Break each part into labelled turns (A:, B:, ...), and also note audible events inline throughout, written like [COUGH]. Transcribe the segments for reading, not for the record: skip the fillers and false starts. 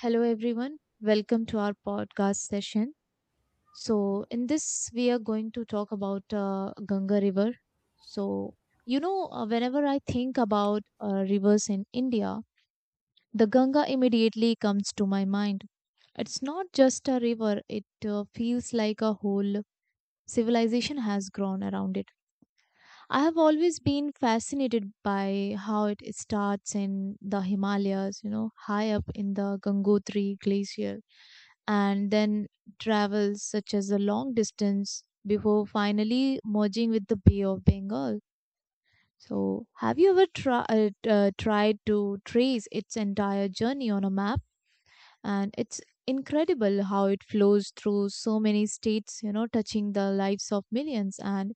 A: Hello, everyone. Welcome to our podcast session. So, in this, we are going to talk about Ganga River. So, whenever I think about rivers in India, the Ganga immediately comes to my mind. It's not just a river, it feels like a whole civilization has grown around it. I have always been fascinated by how it starts in the Himalayas, you know, high up in the Gangotri Glacier and then travels such as a long distance before finally merging with the Bay of Bengal. So, have you ever tried to trace its entire journey on a map? And it's incredible how it flows through so many states, you know, touching the lives of millions. And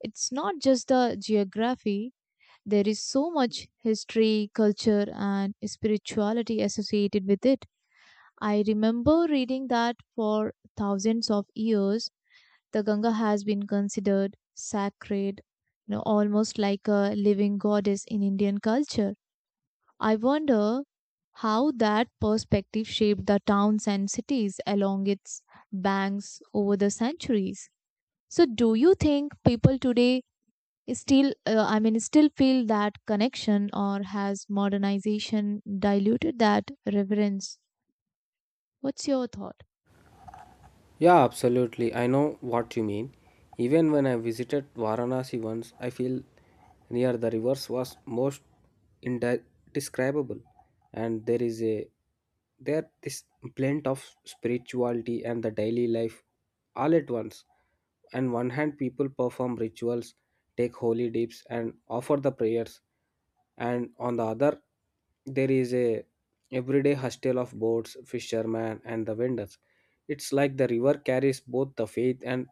A: it's not just the geography, there is so much history, culture, and spirituality associated with it. I remember reading that for thousands of years, the Ganga has been considered sacred, you know, almost like a living goddess in Indian culture. I wonder how that perspective shaped the towns and cities along its banks over the centuries. So, do you think people today still, still feel that connection, or has modernization diluted that reverence? What's your thought?
B: Yeah, absolutely. I know what you mean. Even when I visited Varanasi once, I feel near the rivers was most indescribable, and there is a there this blend of spirituality and the daily life all at once. On one hand, people perform rituals, take holy dips, and offer the prayers, and on the other there is a everyday hustle of boats, fishermen, and the vendors. It's like the river carries both the faith and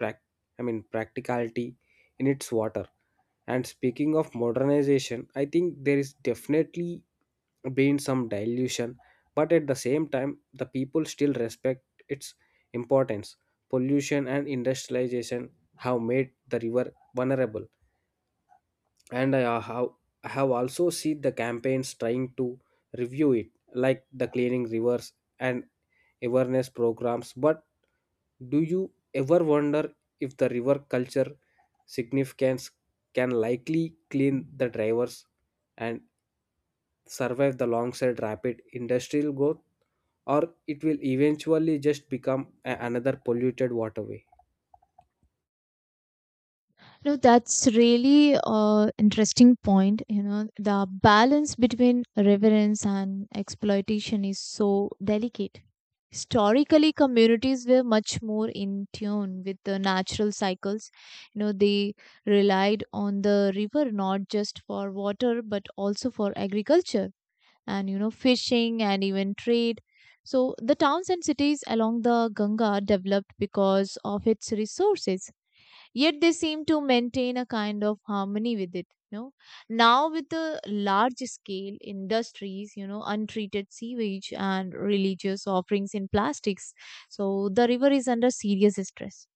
B: prac- I mean practicality in its water. And speaking of modernization, I think there is definitely been some dilution, but at the same time the people still respect its importance. Pollution and industrialization have made the river vulnerable, and I have also seen the campaigns trying to review it, like the cleaning rivers and awareness programs. But do you ever wonder if the river culture significance can likely clean the drivers and survive the alongside rapid industrial growth, or it will eventually just become another polluted waterway?
A: No, that's really interesting point. You know, the balance between reverence and exploitation is so delicate. Historically, communities were much more in tune with the natural cycles. You know, they relied on the river not just for water but also for agriculture and, you know, fishing and even trade. So, the towns and cities along the Ganga developed because of its resources, yet they seem to maintain a kind of harmony with it. You know, now with the large scale industries, you know, untreated sewage and religious offerings in plastics, so the river is under serious stress.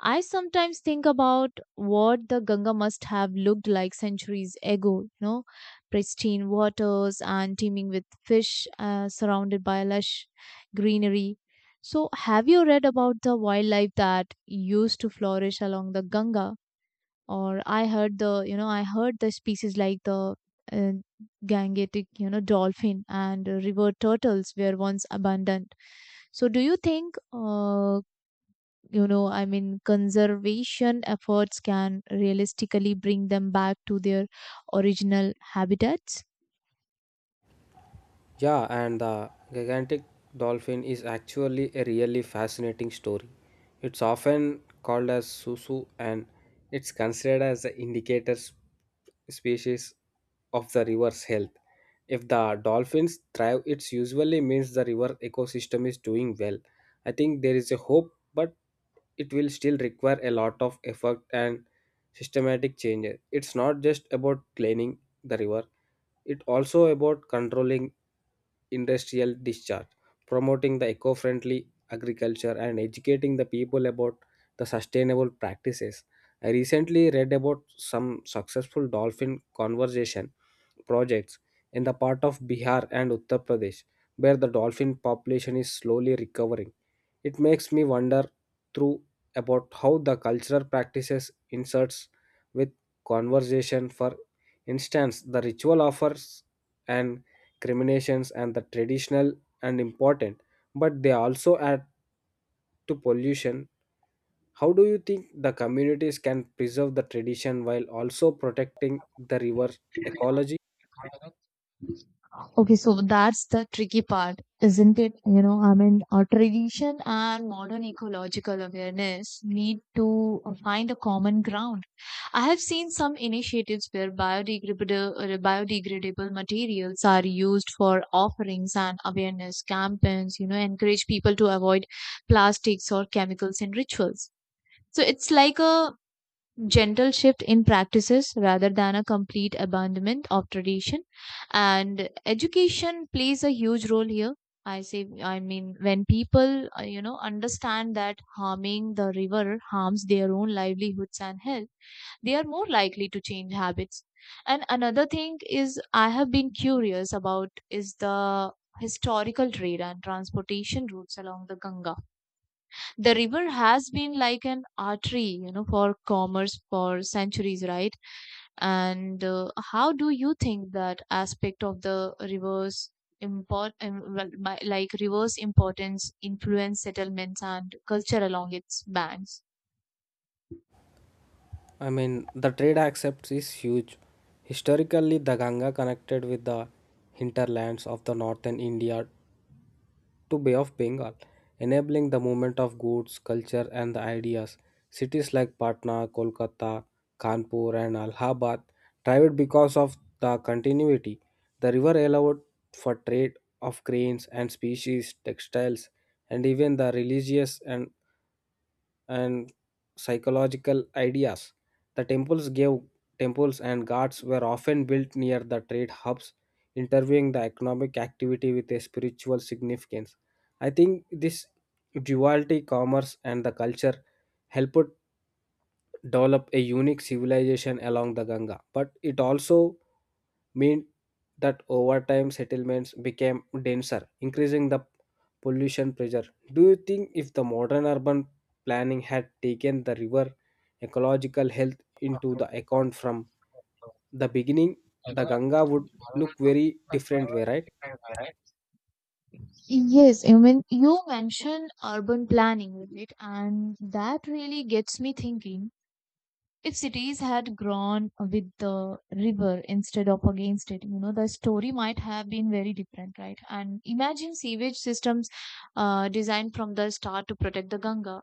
A: I sometimes think about what the Ganga must have looked like centuries ago, you know, pristine waters and teeming with fish, surrounded by lush greenery. So, have you read about the wildlife that used to flourish along the Ganga? Or I heard the, you know, I heard the species like the uh, Gangetic, you know, dolphin and river turtles were once abundant. So, do you think you know I mean conservation efforts can realistically bring them back to their original habitats?
B: Yeah, and the gigantic dolphin is actually a really fascinating story. It's often called as Susu, and it's considered as the indicator species of the river's health. If the dolphins thrive, it usually means the river ecosystem is doing well. I think there is a hope, but it will still require a lot of effort and systematic changes. It's not just about cleaning the river, it's also about controlling industrial discharge, promoting the eco friendly agriculture, and educating the people about the sustainable practices. I recently read about some successful dolphin conservation projects in the part of Bihar and Uttar Pradesh where the dolphin population is slowly recovering. It makes me wonder through about how the cultural practices inserts with conversation. For instance, the ritual offers an criminations and the traditional and important, but they also add to pollution. How do you think the communities can preserve the tradition while also protecting the river ecology?
A: Okay, so that's the tricky part, isn't it? You know, I mean, our tradition and modern ecological awareness need to find a common ground. I have seen some initiatives where biodegradable materials are used for offerings, and awareness campaigns, you know, encourage people to avoid plastics or chemicals in rituals. So it's like a gentle shift in practices rather than a complete abandonment of tradition. And education plays a huge role here. I say, I mean, When people, you know, understand that harming the river harms their own livelihoods and health, they are more likely to change habits. And another thing is, I have been curious about is the historical trade and transportation routes along the Ganga. The river has been like an artery, you know, for commerce for centuries, right? And how do you think that aspect of the reverse import well, my- like reverse importance influence settlements and culture along its banks?
B: I mean, the trade accepts is huge. Historically, the Ganga connected with the hinterlands of the northern India to Bay of Bengal, enabling the movement of goods, culture, and the ideas. Cities like Patna, Kolkata, Kanpur, and Allahabad thrived because of the continuity. The river allowed for trade of grains and species, textiles, and even the religious and and psychological ideas. The temples gave Temples and gods were often built near the trade hubs, interviewing the economic activity with a spiritual significance. I think this duality, commerce, and the culture helped develop a unique civilization along the Ganga, but it also meant that over time settlements became denser, increasing the pollution pressure. Do you think if the modern urban planning had taken the river ecological health into the account from the beginning, the Ganga would look very different way, right?
A: Yes, I mean, you mentioned urban planning, right? And that really gets me thinking, if cities had grown with the river instead of against it, you know, the story might have been very different, right? And imagine sewage systems designed from the start to protect the Ganga,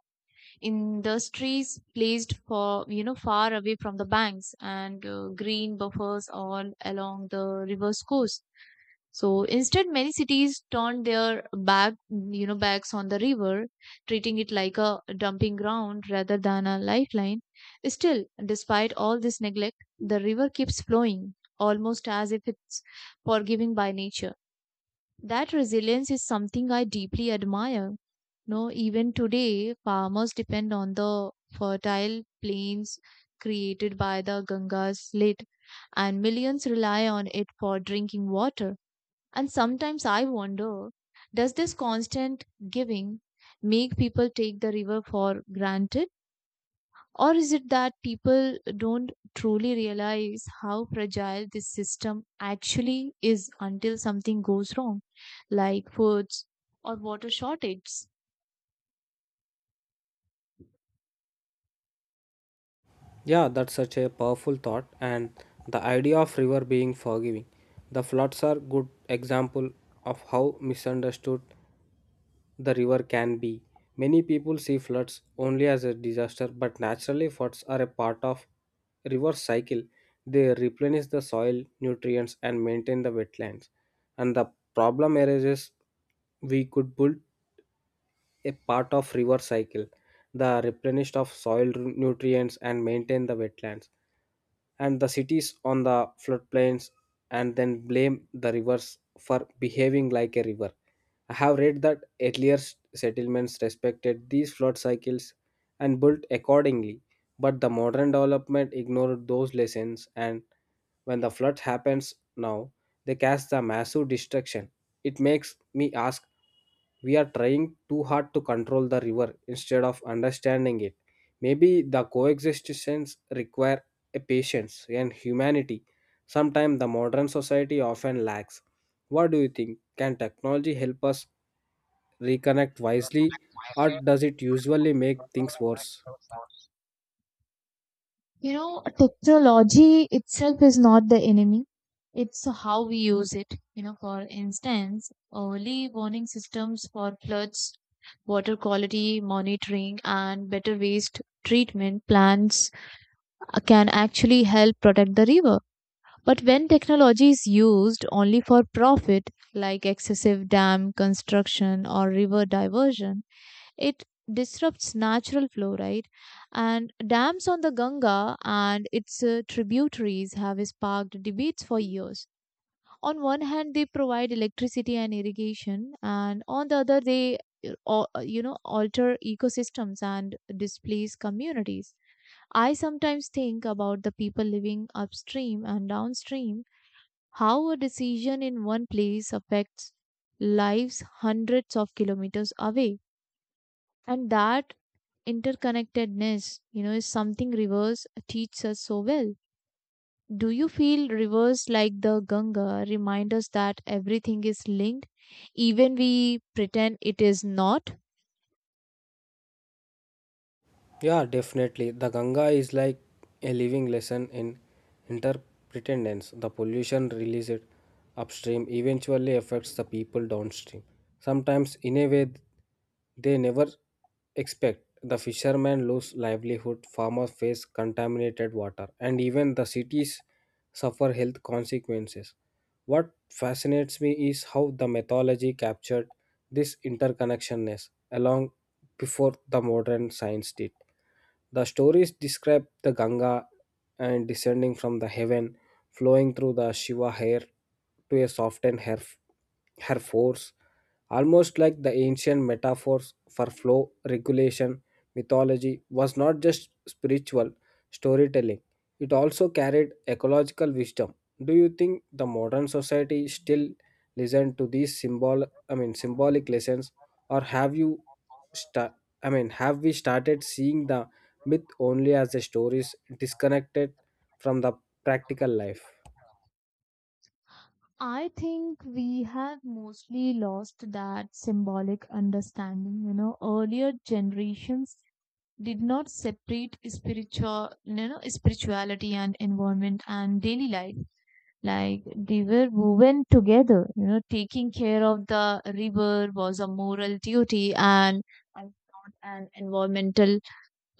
A: industries placed for, you know, far away from the banks, and green buffers all along the river's course. So instead, many cities turned their back, you know, backs on the river, treating it like a dumping ground rather than a lifeline. Still, despite all this neglect, the river keeps flowing, almost as if it's forgiving by nature. That resilience is something I deeply admire. No, even today, farmers depend on the fertile plains created by the Ganga's slit, and millions rely on it for drinking water. And sometimes I wonder, does this constant giving make people take the river for granted? Or is it that people don't truly realize how fragile this system actually is until something goes wrong, like floods or water shortages?
B: Yeah, that's such a powerful thought, and the idea of river being forgiving. The floods are good example of how misunderstood the river can be. Many people see floods only as a disaster, but naturally floods are a part of river cycle. They replenish the soil nutrients and maintain the wetlands. And the problem arises we could build a part of river cycle, the replenished of soil nutrients and maintain the wetlands and the cities on the floodplains, and then blame the rivers for behaving like a river. I have read that earlier settlements respected these flood cycles and built accordingly, but the modern development ignored those lessons, and when the flood happens now, they cast the massive destruction. It makes me ask, we are trying too hard to control the river instead of understanding it. Maybe the coexistence require a patience and humanity sometimes the modern society often lacks. What do you think? Can technology help us reconnect wisely, or does it usually make things worse?
A: You know, technology itself is not the enemy. It's how we use it. You know, for instance, early warning systems for floods, water quality monitoring, and better waste treatment plans can actually help protect the river. But when technology is used only for profit, like excessive dam construction or river diversion, it disrupts natural flow, right? And dams on the Ganga and its tributaries have sparked debates for years. On one hand they provide electricity and irrigation, and on the other they you know, alter ecosystems and displace communities. I sometimes think about the people living upstream and downstream, how a decision in one place affects lives hundreds of kilometers away. And that interconnectedness, you know, is something rivers teach us so well. Do you feel rivers like the Ganga remind us that everything is linked, even we pretend it is not?
B: Yeah, definitely. The Ganga is like a living lesson in interdependence. The pollution released upstream eventually affects the people downstream, sometimes in a way they never expect. The fishermen lose livelihood, farmers face contaminated water, and even the cities suffer health consequences. What fascinates me is how the mythology captured this interconnectionness along before the modern science did. The stories describe the Ganga and descending from the heaven, flowing through the Shiva hair to a softened her, her force, almost like the ancient metaphors for flow regulation. Mythology was not just spiritual storytelling; it also carried ecological wisdom. Do you think the modern society still listen to these symbol I mean symbolic lessons, or have you sta- I mean have we started seeing the myth only as the stories disconnected from the practical life?
A: I think we have mostly lost that symbolic understanding. You know, earlier generations did not separate spiritual, you know, spirituality and environment and daily life. Like they were woven together. You know, taking care of the river was a moral duty and not an environmental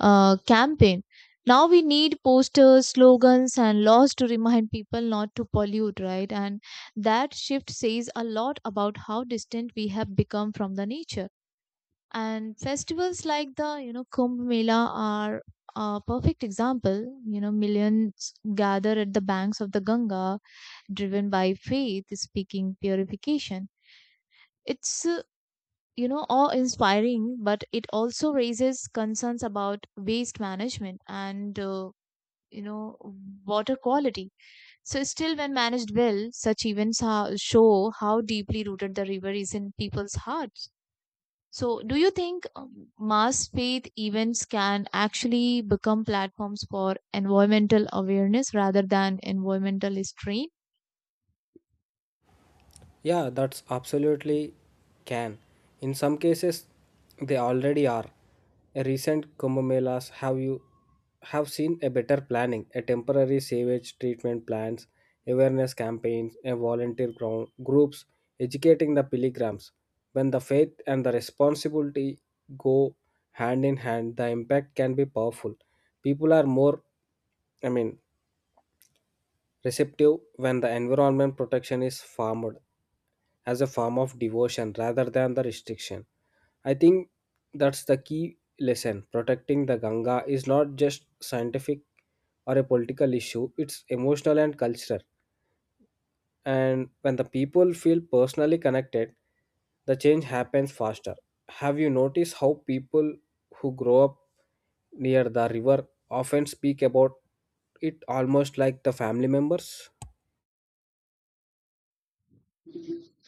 A: campaign. Now we need posters, slogans, and laws to remind people not to pollute, right? And that shift says a lot about how distant we have become from the nature. And festivals like the, you know, Kumbh Mela are a perfect example. You know, millions gather at the banks of the Ganga, driven by faith, speaking purification. It's you know, awe inspiring, but it also raises concerns about waste management and, you know, water quality. So still, when managed well, such events show how deeply rooted the river is in people's hearts. So do you think mass faith events can actually become platforms for environmental awareness rather than environmental restraint?
B: Yeah, that's absolutely can. In some cases, they already are. A recent Kumbh Melas have seen a better planning, a temporary sewage treatment plants, awareness campaigns, and volunteer ground groups educating the pilgrims. When the faith and the responsibility go hand in hand, the impact can be powerful. People are more, I mean, receptive when the environment protection is formed as a form of devotion rather than the restriction. I think that's the key lesson. Protecting the Ganga is not just scientific or a political issue, it's emotional and cultural. And when the people feel personally connected, the change happens faster. Have you noticed how people who grow up near the river often speak about it almost like the family members?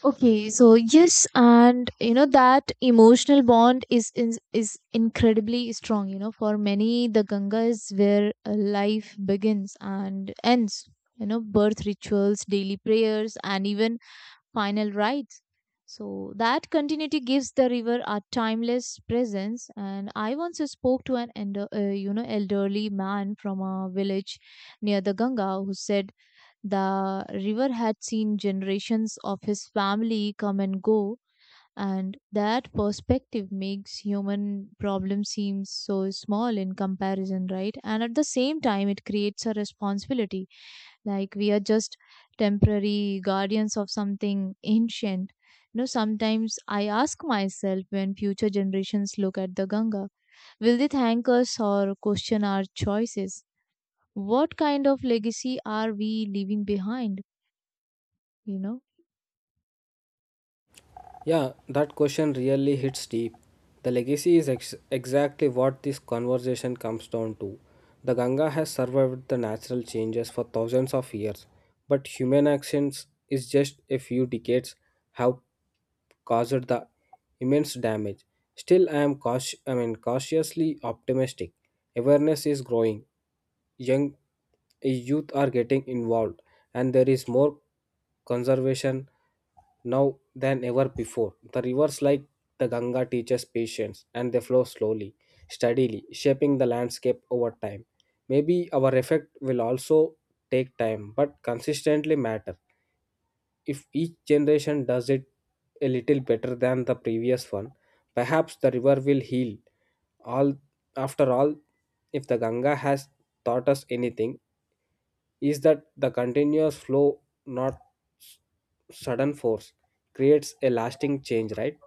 A: Okay, so yes, and you know that emotional bond is incredibly strong. You know, for many, the Ganga is where life begins and ends. You know, birth rituals, daily prayers, and even final rites. So that continuity gives the river a timeless presence. And I once spoke to an elder, you know, elderly man from a village near the Ganga, who said the river had seen generations of his family come and go, and that perspective makes human problems seem so small in comparison, right? And at the same time, it creates a responsibility, like we are just temporary guardians of something ancient. You know, sometimes I ask myself, when future generations look at the Ganga, will they thank us or question our choices? What kind of legacy are we leaving behind, you know?
B: Yeah, that question really hits deep. The legacy is exactly what this conversation comes down to. The Ganga has survived the natural changes for thousands of years, but human actions is just a few decades have caused the immense damage. Still, I am cautious, I mean, cautiously optimistic. Awareness is growing. Young Youth are getting involved, and there is more conservation now than ever before. The rivers like the Ganga teaches patience, and they flow slowly, steadily, shaping the landscape over time. Maybe our effect will also take time, but consistently matter. If each generation does it a little better than the previous one, perhaps the river will heal. All after all, if the Ganga has taught us anything, is that the continuous flow, not s- sudden force, creates a lasting change, right?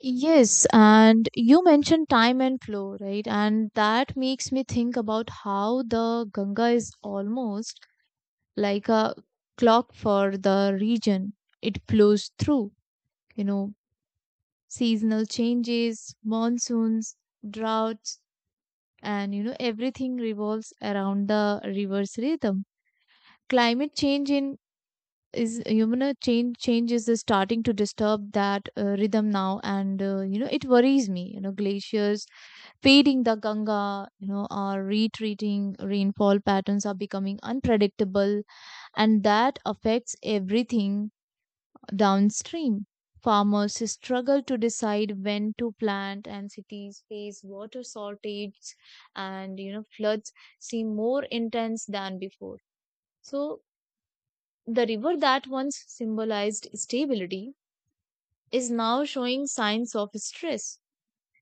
A: Yes, and you mentioned time and flow, right? And that makes me think about how the Ganga is almost like a clock for the region. It flows through, you know, seasonal changes, monsoons, droughts, and you know, everything revolves around the river's rhythm. Climate change in is You know, change change is the starting to disturb that rhythm now, and you know, it worries me. You know, glaciers feeding the Ganga, you know, or retreating rainfall patterns are becoming unpredictable, and that affects everything downstream. Farmers struggle to decide when to plant, and cities face water shortages, and you know, floods seem more intense than before. So, the river that once symbolized stability is now showing signs of stress.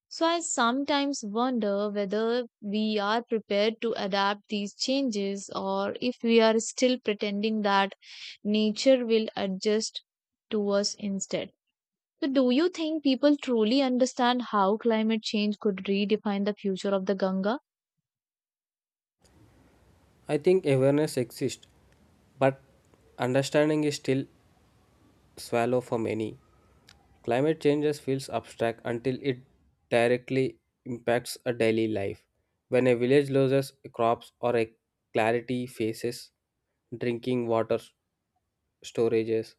A: So I sometimes wonder whether we are prepared to adapt these changes, or if we are still pretending that nature will adjust to us instead. So do you think people truly understand how climate change could redefine the future of the Ganga?
B: I think awareness exists, but understanding is still shallow for many. Climate changes feels abstract until it directly impacts a daily life. When a village loses crops or a clarity faces drinking water storages,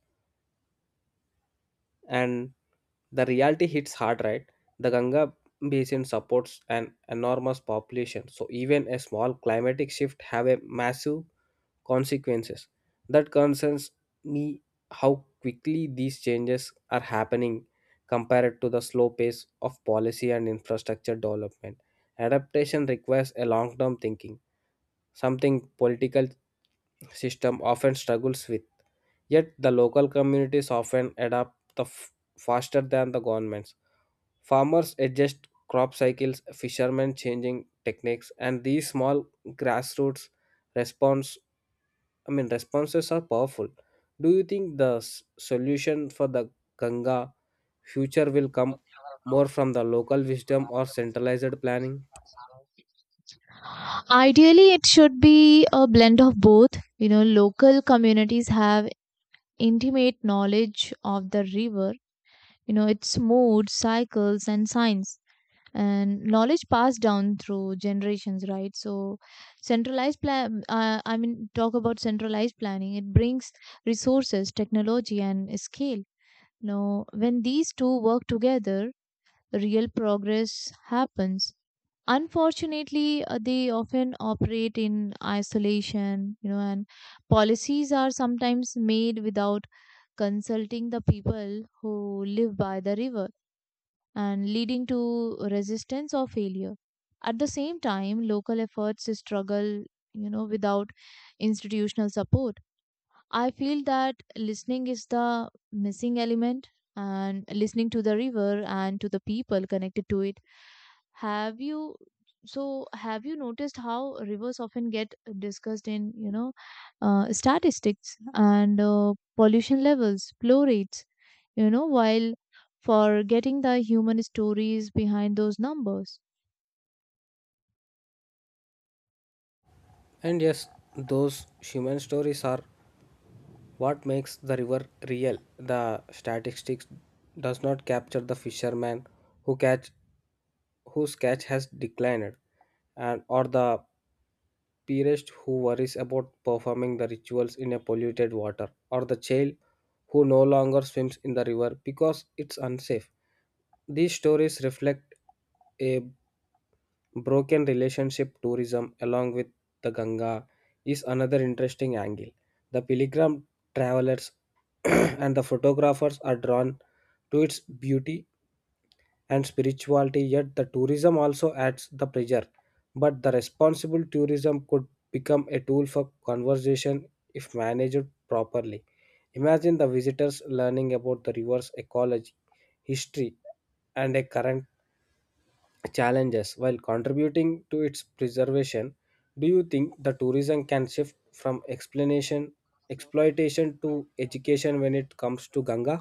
B: and the reality hits hard, right? The Ganga basin supports an enormous population, so even a small climatic shift have a massive consequences. That concerns me how quickly these changes are happening compared to the slow pace of policy and infrastructure development. Adaptation requires a long term thinking, something political system often struggles with. Yet the local communities often adapt the faster than the governments. Farmers adjust crop cycles, fishermen changing techniques, and these small grassroots response I mean responses are powerful. Do you think the solution for the Ganga future will come more from the local wisdom or centralized planning?
A: Ideally, it should be a blend of both. You know, local communities have intimate knowledge of the river, you know, its mood, cycles, and signs, and knowledge passed down through generations, right? So centralized plan I mean talk about centralized planning, it brings resources, technology, and scale. Now when these two work together, real progress happens. Unfortunately, they often operate in isolation, you know, and policies are sometimes made without consulting the people who live by the river, and leading to resistance or failure. At the same time, local efforts struggle, you know, without institutional support. I feel that listening is the missing element, and listening to the river and to the people connected to it. Have you have you noticed how rivers often get discussed in, you know, statistics and pollution levels, flow rates, you know, while forgetting the human stories behind those numbers?
B: And yes, those human stories are what makes the river real. The statistics does not capture the fisherman who catch whose catch has declined, and or the priest who worries about performing the rituals in a polluted water, or the child who no longer swims in the river because it's unsafe. These stories reflect a broken relationship. Tourism, along with the Ganga, is another interesting angle. The pilgrim travelers [CLEARS THROAT] and the photographers are drawn to its beauty and spirituality, yet the tourism also adds the pressure. But the responsible tourism could become a tool for conversation if managed properly. Imagine the visitors learning about the river's ecology, history, and a current challenges while contributing to its preservation. Do you think the tourism can shift from explanation exploitation to education when it comes to Ganga?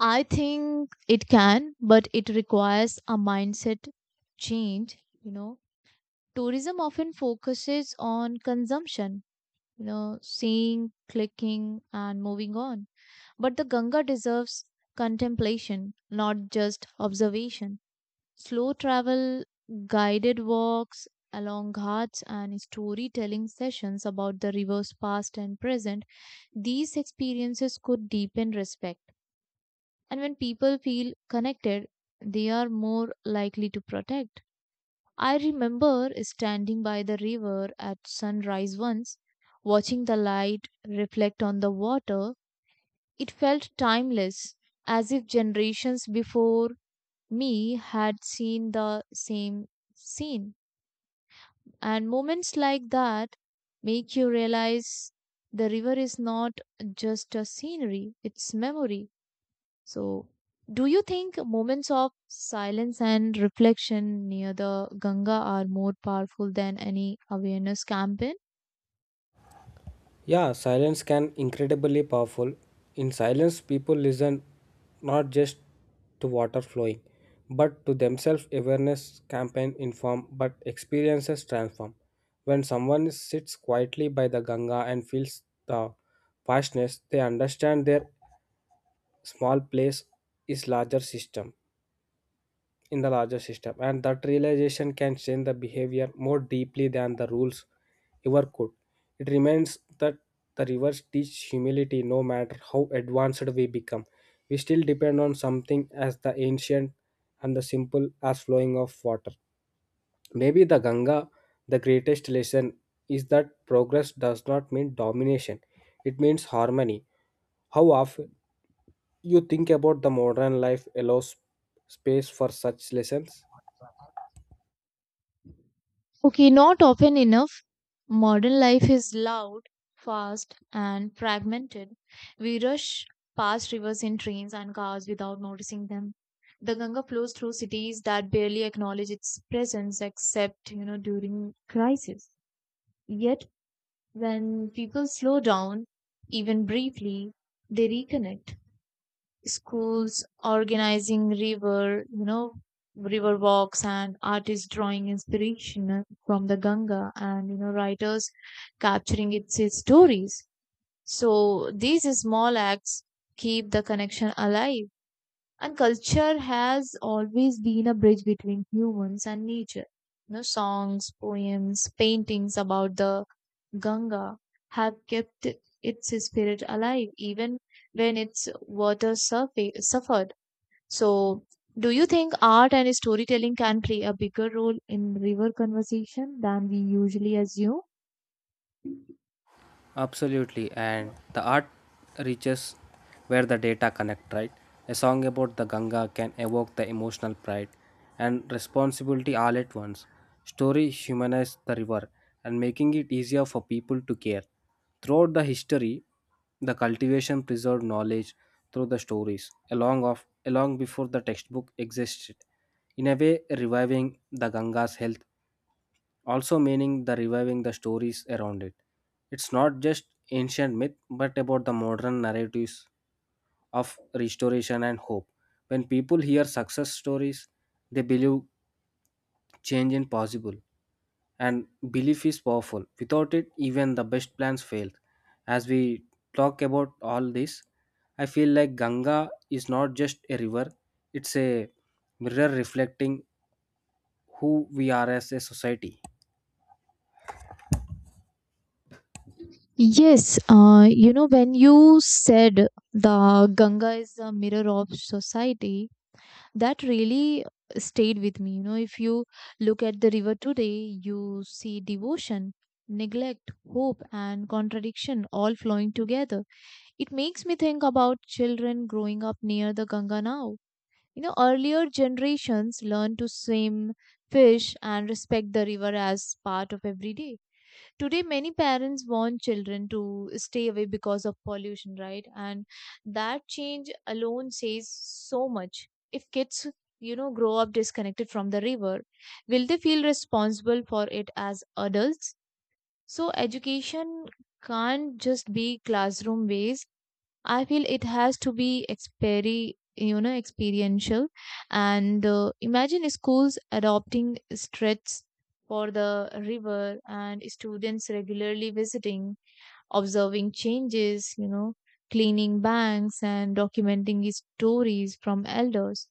A: I think it can, but it requires a mindset change, you know. Tourism often focuses on consumption, you know, seeing, clicking, and moving on. But the Ganga deserves contemplation, not just observation. Slow travel, guided walks along ghats, and storytelling sessions about the river's past and present. These experiences could deepen respect, and when people feel connected, they are more likely to protect. I remember standing by the river at sunrise once, watching the light reflect on the water. It felt timeless, as if generations before me had seen the same scene. And moments like that make you realize the river is not just a scenery, it's memory. So, do you think moments of silence and reflection near the Ganga are more powerful than any awareness campaign?
B: Yeah, silence can incredibly powerful. In silence, people listen, not just to water flowing but to themselves. Awareness campaign inform, but experiences transform. When someone sits quietly by the Ganga and feels the vastness, they understand their small place is larger system in the larger system, and that realization can change the behavior more deeply than the rules ever could. It remains that the rivers teach humility. No matter how advanced we become, we still depend on something as the ancient and the simple as flowing of water. Maybe the Ganga the greatest lesson is that progress does not mean domination, it means harmony. How often you think about the modern life allows space for such lessons?
A: Okay, not often enough. Modern life is loud, fast, and fragmented. We rush past rivers in trains and cars without noticing them. The Ganga flows through cities that barely acknowledge its presence except, you know, during crisis. Yet, when people slow down, even briefly, they reconnect. Schools organizing river walks and artists drawing inspiration from the Ganga and writers capturing its stories. So these small acts keep the connection alive. And culture has always been a bridge between humans and nature. You know, songs, poems, paintings about the Ganga have kept its spirit alive even when its water suffered. So, do you think art and storytelling can play a bigger role in river conversation than we usually assume?
B: Absolutely, and the art reaches where the data connect, right? A song about the Ganga can evoke the emotional pride and responsibility all at once. Story humanize the river and making it easier for people to care. Throughout the history, the cultivation preserved knowledge through the stories, along before the textbook existed. In a way, reviving the Ganga's health also meaning the reviving the stories around it. It's not just ancient myth but about the modern narratives of restoration and hope. When people hear success stories, they believe change is possible, and belief is powerful. Without it, even the best plans fail. As we talk about all this, I feel like Ganga is not just a river, it's a mirror reflecting who we are as a society.
A: Yes, when you said the Ganga is the mirror of society, that really stayed with me. You know, if you look at the river today, you see devotion, neglect, hope, and contradiction all flowing together. It makes me think about children growing up near the Ganga now. You know, earlier generations learned to swim, fish, and respect the river as part of every day. Today, many parents want children to stay away because of pollution, right? And that change alone says so much. If kids, grow up disconnected from the river, will they feel responsible for it as adults? So, education can't just be classroom based. I feel it has to be experiential. And imagine schools adopting streets for the river and students regularly visiting, observing changes, you know, cleaning banks, and documenting his stories from elders.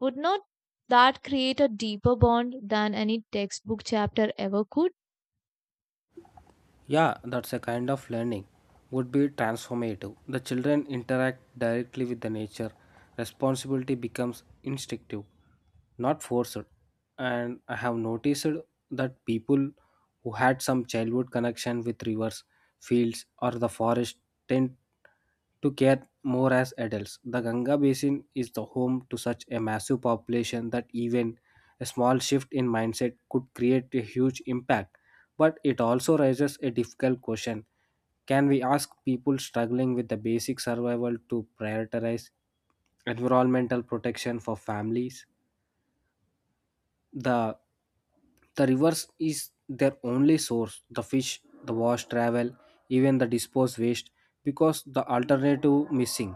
A: Would not that create a deeper bond than any textbook chapter ever could?
B: Yeah, that's a kind of learning would be transformative. The children interact directly with the nature. Responsibility becomes instinctive, not forced. And I have noticed that people who had some childhood connection with rivers, fields, or the forest tend to care more as adults. The Ganga Basin is the home to such a massive population that even a small shift in mindset could create a huge impact. But it also raises a difficult question, can we ask people struggling with the basic survival to prioritize environmental protection for families? The the rivers is their only source, the fish, the wash, travel, even the disposed waste, because the alternative missing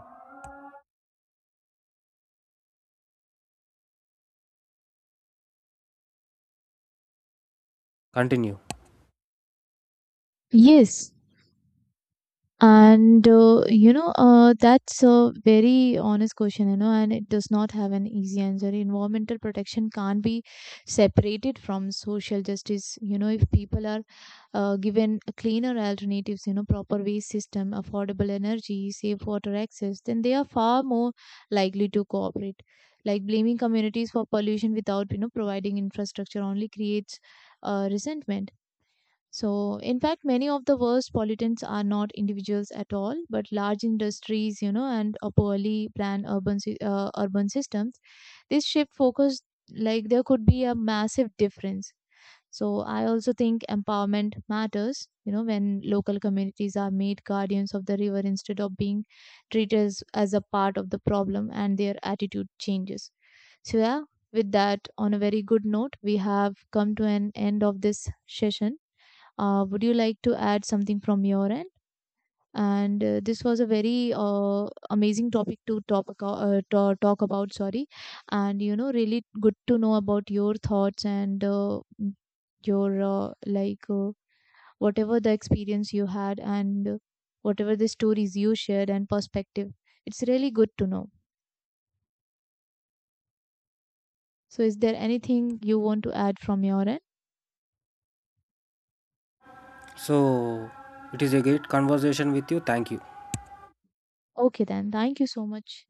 B: continue.
A: Yes, and that's a very honest question and it does not have an easy answer. Environmental protection can't be separated from social justice if people are given cleaner alternatives, proper waste system, affordable energy, safe water access, then they are far more likely to cooperate. Like blaming communities for pollution without providing infrastructure only creates resentment. So, in fact, many of the worst pollutants are not individuals at all, but large industries, you know, and a poorly planned urban systems. This shift focus, like, there could be a massive difference. So, I also think empowerment matters. When local communities are made guardians of the river instead of being treated as a part of the problem, and their attitude changes. So, yeah, with that, on a very good note, we have come to an end of this session. Would you like to add something from your end? And this was a very amazing topic to talk about. Sorry, and really good to know about your thoughts and your like whatever the experience you had and whatever the stories you shared and perspective. It's really good to know. So, is there anything you want to add from your end?
B: So, it is a great conversation with you. Thank you.
A: Okay, then. Thank you so much.